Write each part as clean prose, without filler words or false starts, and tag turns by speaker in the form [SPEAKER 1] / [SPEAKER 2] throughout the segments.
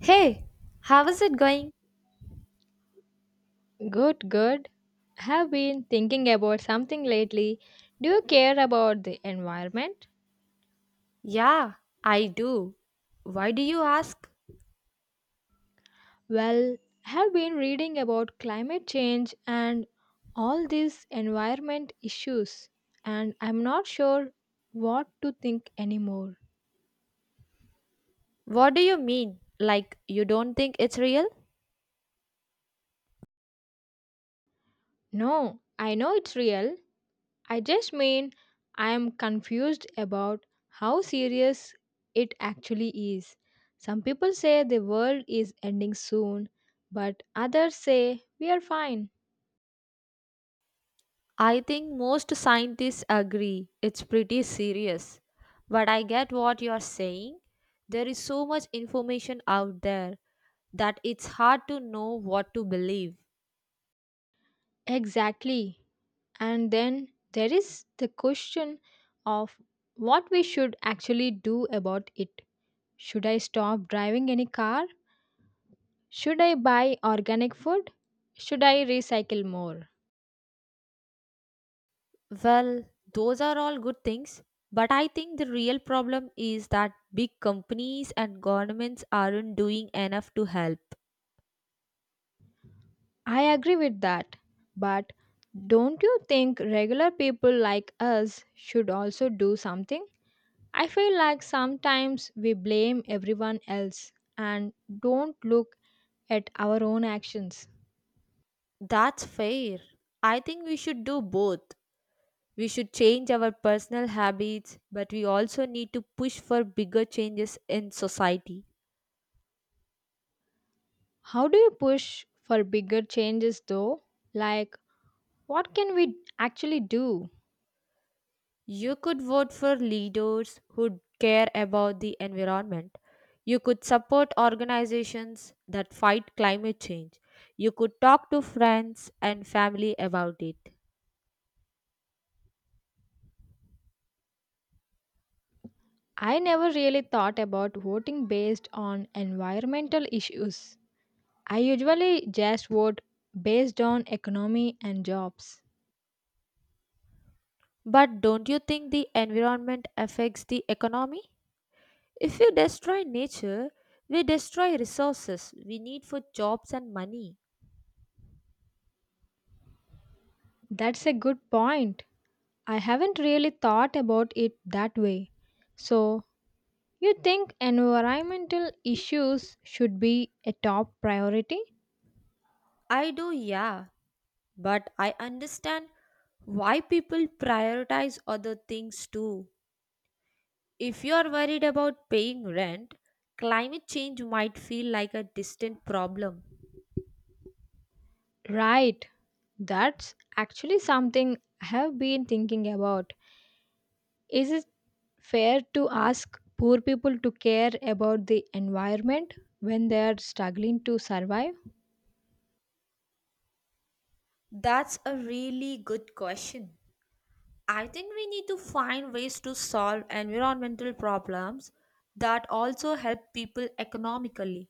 [SPEAKER 1] Hey, how is it going?
[SPEAKER 2] Good, good. Have been thinking about something lately. Do you care about the environment?
[SPEAKER 1] Yeah, I do. Why do you ask?
[SPEAKER 2] Well, have been reading about climate change and all these environment issues, and I'm not sure what to think anymore.
[SPEAKER 1] What do you mean? Like, you don't think it's real?
[SPEAKER 2] No, I know it's real, I just mean I am confused about how serious it actually is. Some people say the world is ending soon, but others say we are fine.
[SPEAKER 1] I think most scientists agree it's pretty serious. But I get what you're saying. There is so much information out there that it's hard to know what to believe.
[SPEAKER 2] Exactly. And then there is the question of what we should actually do about it. Should I stop driving any car? Should I buy organic food? Should I recycle more?
[SPEAKER 1] Well, those are all good things, but I think the real problem is that big companies and governments aren't doing enough to help.
[SPEAKER 2] I agree with that. But don't you think regular people like us should also do something? I feel like sometimes we blame everyone else and don't look at our own actions.
[SPEAKER 1] That's fair. I think we should do both. We should change our personal habits, but we also need to push for bigger changes in society.
[SPEAKER 2] How do you push for bigger changes though? Like, what can we actually do?
[SPEAKER 1] You could vote for leaders who care about the environment. You could support organizations that fight climate change. You could talk to friends and family about it.
[SPEAKER 2] I never really thought about voting based on environmental issues. I usually just vote based on economy and jobs.
[SPEAKER 1] But don't you think the environment affects the economy? If we destroy nature, we destroy resources we need for jobs and money.
[SPEAKER 2] That's a good point. I haven't really thought about it that way. So, you think environmental issues should be a top priority?
[SPEAKER 1] I do, yeah, but I understand why people prioritize other things too. If you are worried about paying rent, climate change might feel like a distant problem.
[SPEAKER 2] Right. That's actually something I have been thinking about. Is it fair to ask poor people to care about the environment when they are struggling to survive?
[SPEAKER 1] That's a really good question. I think we need to find ways to solve environmental problems that also help people economically.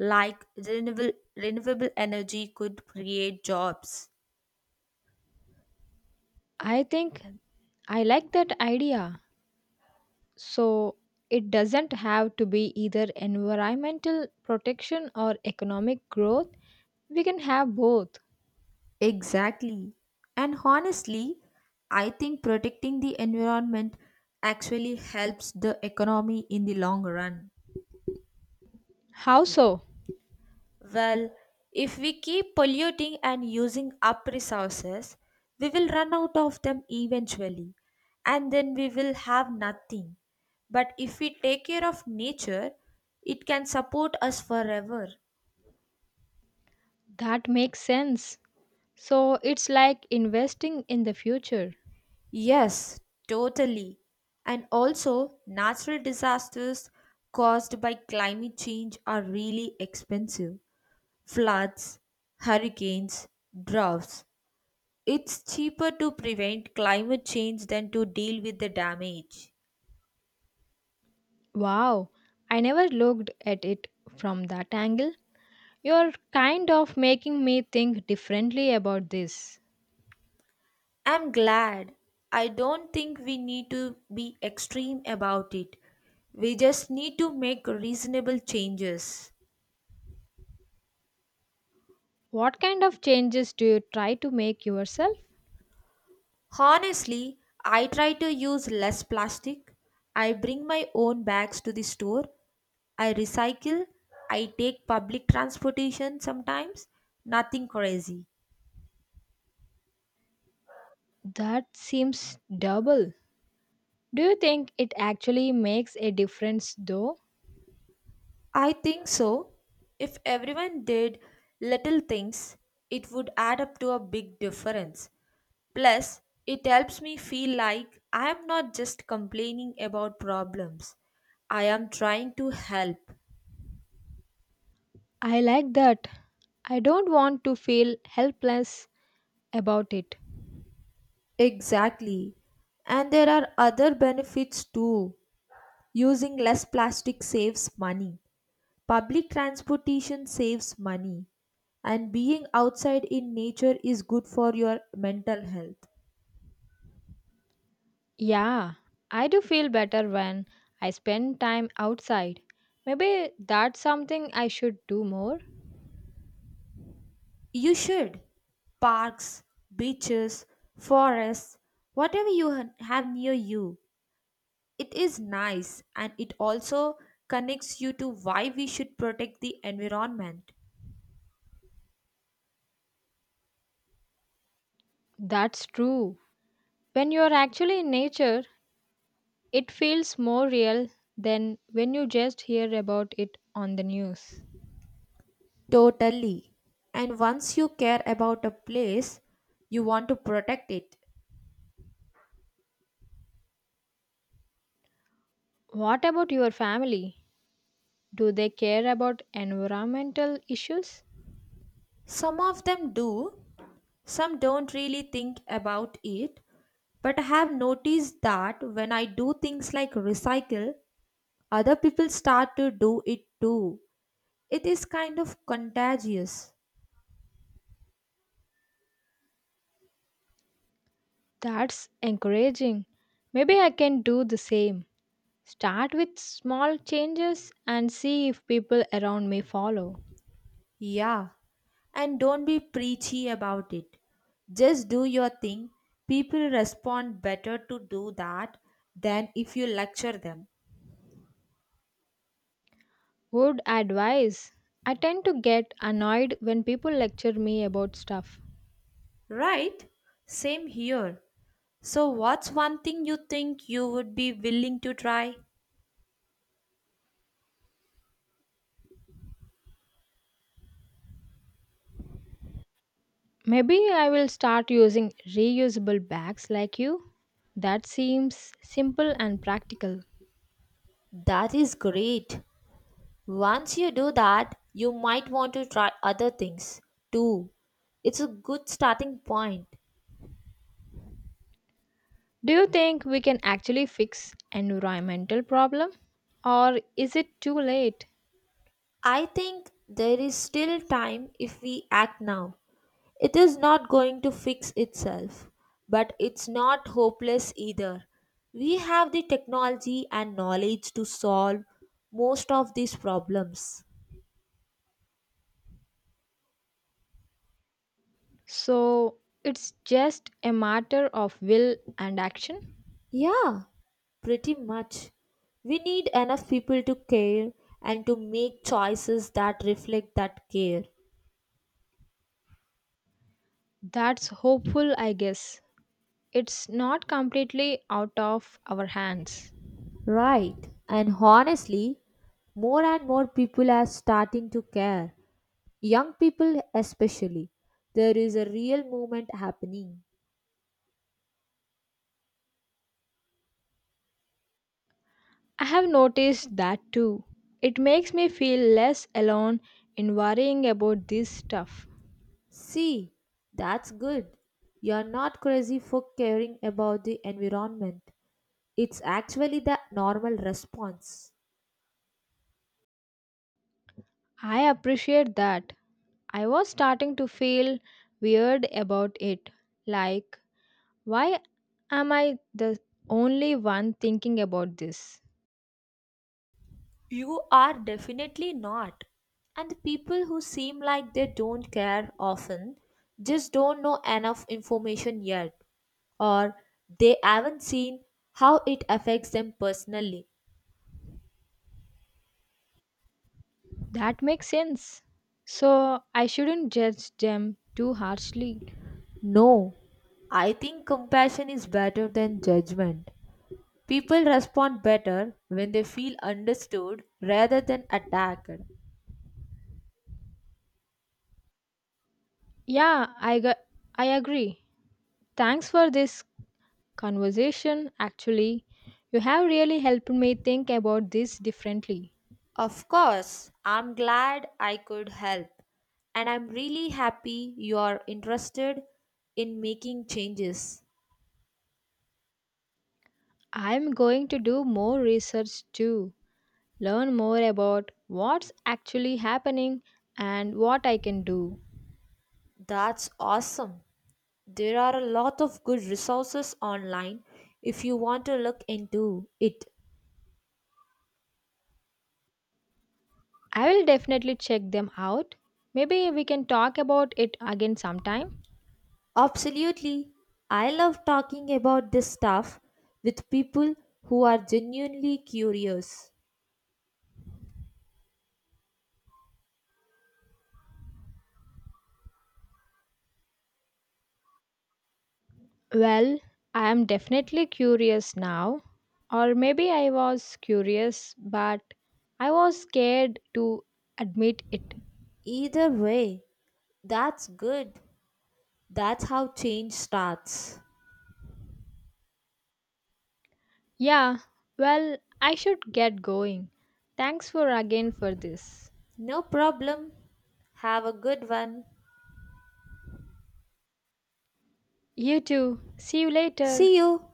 [SPEAKER 1] Like renewable energy could create jobs.
[SPEAKER 2] I think I like that idea. So it doesn't have to be either environmental protection or economic growth. We can have both.
[SPEAKER 1] Exactly. And honestly, I think protecting the environment actually helps the economy in the long run.
[SPEAKER 2] How so?
[SPEAKER 1] Well, if we keep polluting and using up resources, we will run out of them eventually, and then we will have nothing. But if we take care of nature, it can support us forever.
[SPEAKER 2] That makes sense. So it's like investing in the future.
[SPEAKER 1] Yes, totally. And also, natural disasters caused by climate change are really expensive. Floods, hurricanes, droughts. It's cheaper to prevent climate change than to deal with the damage.
[SPEAKER 2] Wow, I never looked at it from that angle. You're kind of making me think differently about this.
[SPEAKER 1] I'm glad. I don't think we need to be extreme about it. We just need to make reasonable changes.
[SPEAKER 2] What kind of changes do you try to make yourself?
[SPEAKER 1] Honestly, I try to use less plastic. I bring my own bags to the store. I recycle. I take public transportation sometimes. Nothing crazy.
[SPEAKER 2] That seems double. Do you think it actually makes a difference though?
[SPEAKER 1] I think so. If everyone did little things, it would add up to a big difference. Plus, it helps me feel like I am not just complaining about problems, I am trying to help.
[SPEAKER 2] I like that. I don't want to feel helpless about it.
[SPEAKER 1] Exactly. And there are other benefits too. Using less plastic saves money. Public transportation saves money. And being outside in nature is good for your mental health.
[SPEAKER 2] Yeah, I do feel better when I spend time outside. Maybe that's something I should do more.
[SPEAKER 1] You should. Parks, beaches, forests, whatever you have near you. It is nice and it also connects you to why we should protect the environment.
[SPEAKER 2] That's true. When you're actually in nature, it feels more real than when you just hear about it on the news.
[SPEAKER 1] Totally. And once you care about a place, you want to protect it.
[SPEAKER 2] What about your family? Do they care about environmental issues?
[SPEAKER 1] Some of them do, some don't really think about it. But I have noticed that when I do things like recycle, other people start to do it too. It is kind of contagious.
[SPEAKER 2] That's encouraging. Maybe I can do the same. Start with small changes and see if people around me follow.
[SPEAKER 1] Yeah. And don't be preachy about it. Just do your thing. People respond better to do that than if you lecture them.
[SPEAKER 2] Would advise. I tend to get annoyed when people lecture me about stuff.
[SPEAKER 1] Right? Same here. So, what's one thing you think you would be willing to try?
[SPEAKER 2] Maybe I will start using reusable bags like you. That seems simple and practical.
[SPEAKER 1] That is great. Once you do that, you might want to try other things too. It's a good starting point.
[SPEAKER 2] Do you think we can actually fix environmental problem or is it too late?
[SPEAKER 1] I think there is still time if we act now. It is not going to fix itself, but it's not hopeless either. We have the technology and knowledge to solve most of these problems.
[SPEAKER 2] So it's just a matter of will and action.
[SPEAKER 1] Yeah, pretty much. We need enough people to care and to make choices that reflect that care.
[SPEAKER 2] That's hopeful, I guess. It's not completely out of our hands.
[SPEAKER 1] Right. And honestly, more and more people are starting to care. Young people, especially. There is a real movement happening.
[SPEAKER 2] I have noticed that too. It makes me feel less alone in worrying about this stuff.
[SPEAKER 1] See, that's good. You're not crazy for caring about the environment. It's actually the normal response.
[SPEAKER 2] I appreciate that. I was starting to feel weird about it. Like, why am I the only one thinking about this?
[SPEAKER 1] You are definitely not. And the people who seem like they don't care often just don't know enough information yet, or they haven't seen how it affects them personally.
[SPEAKER 2] That makes sense. So, I shouldn't judge them too harshly.
[SPEAKER 1] No, I think compassion is better than judgment. People respond better when they feel understood rather than attacked.
[SPEAKER 2] Yeah, I agree. Thanks for this conversation. Actually, you have really helped me think about this differently.
[SPEAKER 1] Of course, I'm glad I could help, and I'm really happy you're interested in making changes.
[SPEAKER 2] I'm going to do more research too, learn more about what's actually happening and what I can do.
[SPEAKER 1] That's awesome. There are a lot of good resources online if you want to look into it.
[SPEAKER 2] I will definitely check them out. Maybe we can talk about it again sometime.
[SPEAKER 1] Absolutely. I love talking about this stuff with people who are genuinely curious.
[SPEAKER 2] Well, I am definitely curious now. Or maybe I was curious, but I was scared to admit it.
[SPEAKER 1] Either way, that's good. That's how change starts.
[SPEAKER 2] Yeah, well, I should get going. Thanks for again for this.
[SPEAKER 1] No problem. Have a good one.
[SPEAKER 2] You too. See you later.
[SPEAKER 1] See you.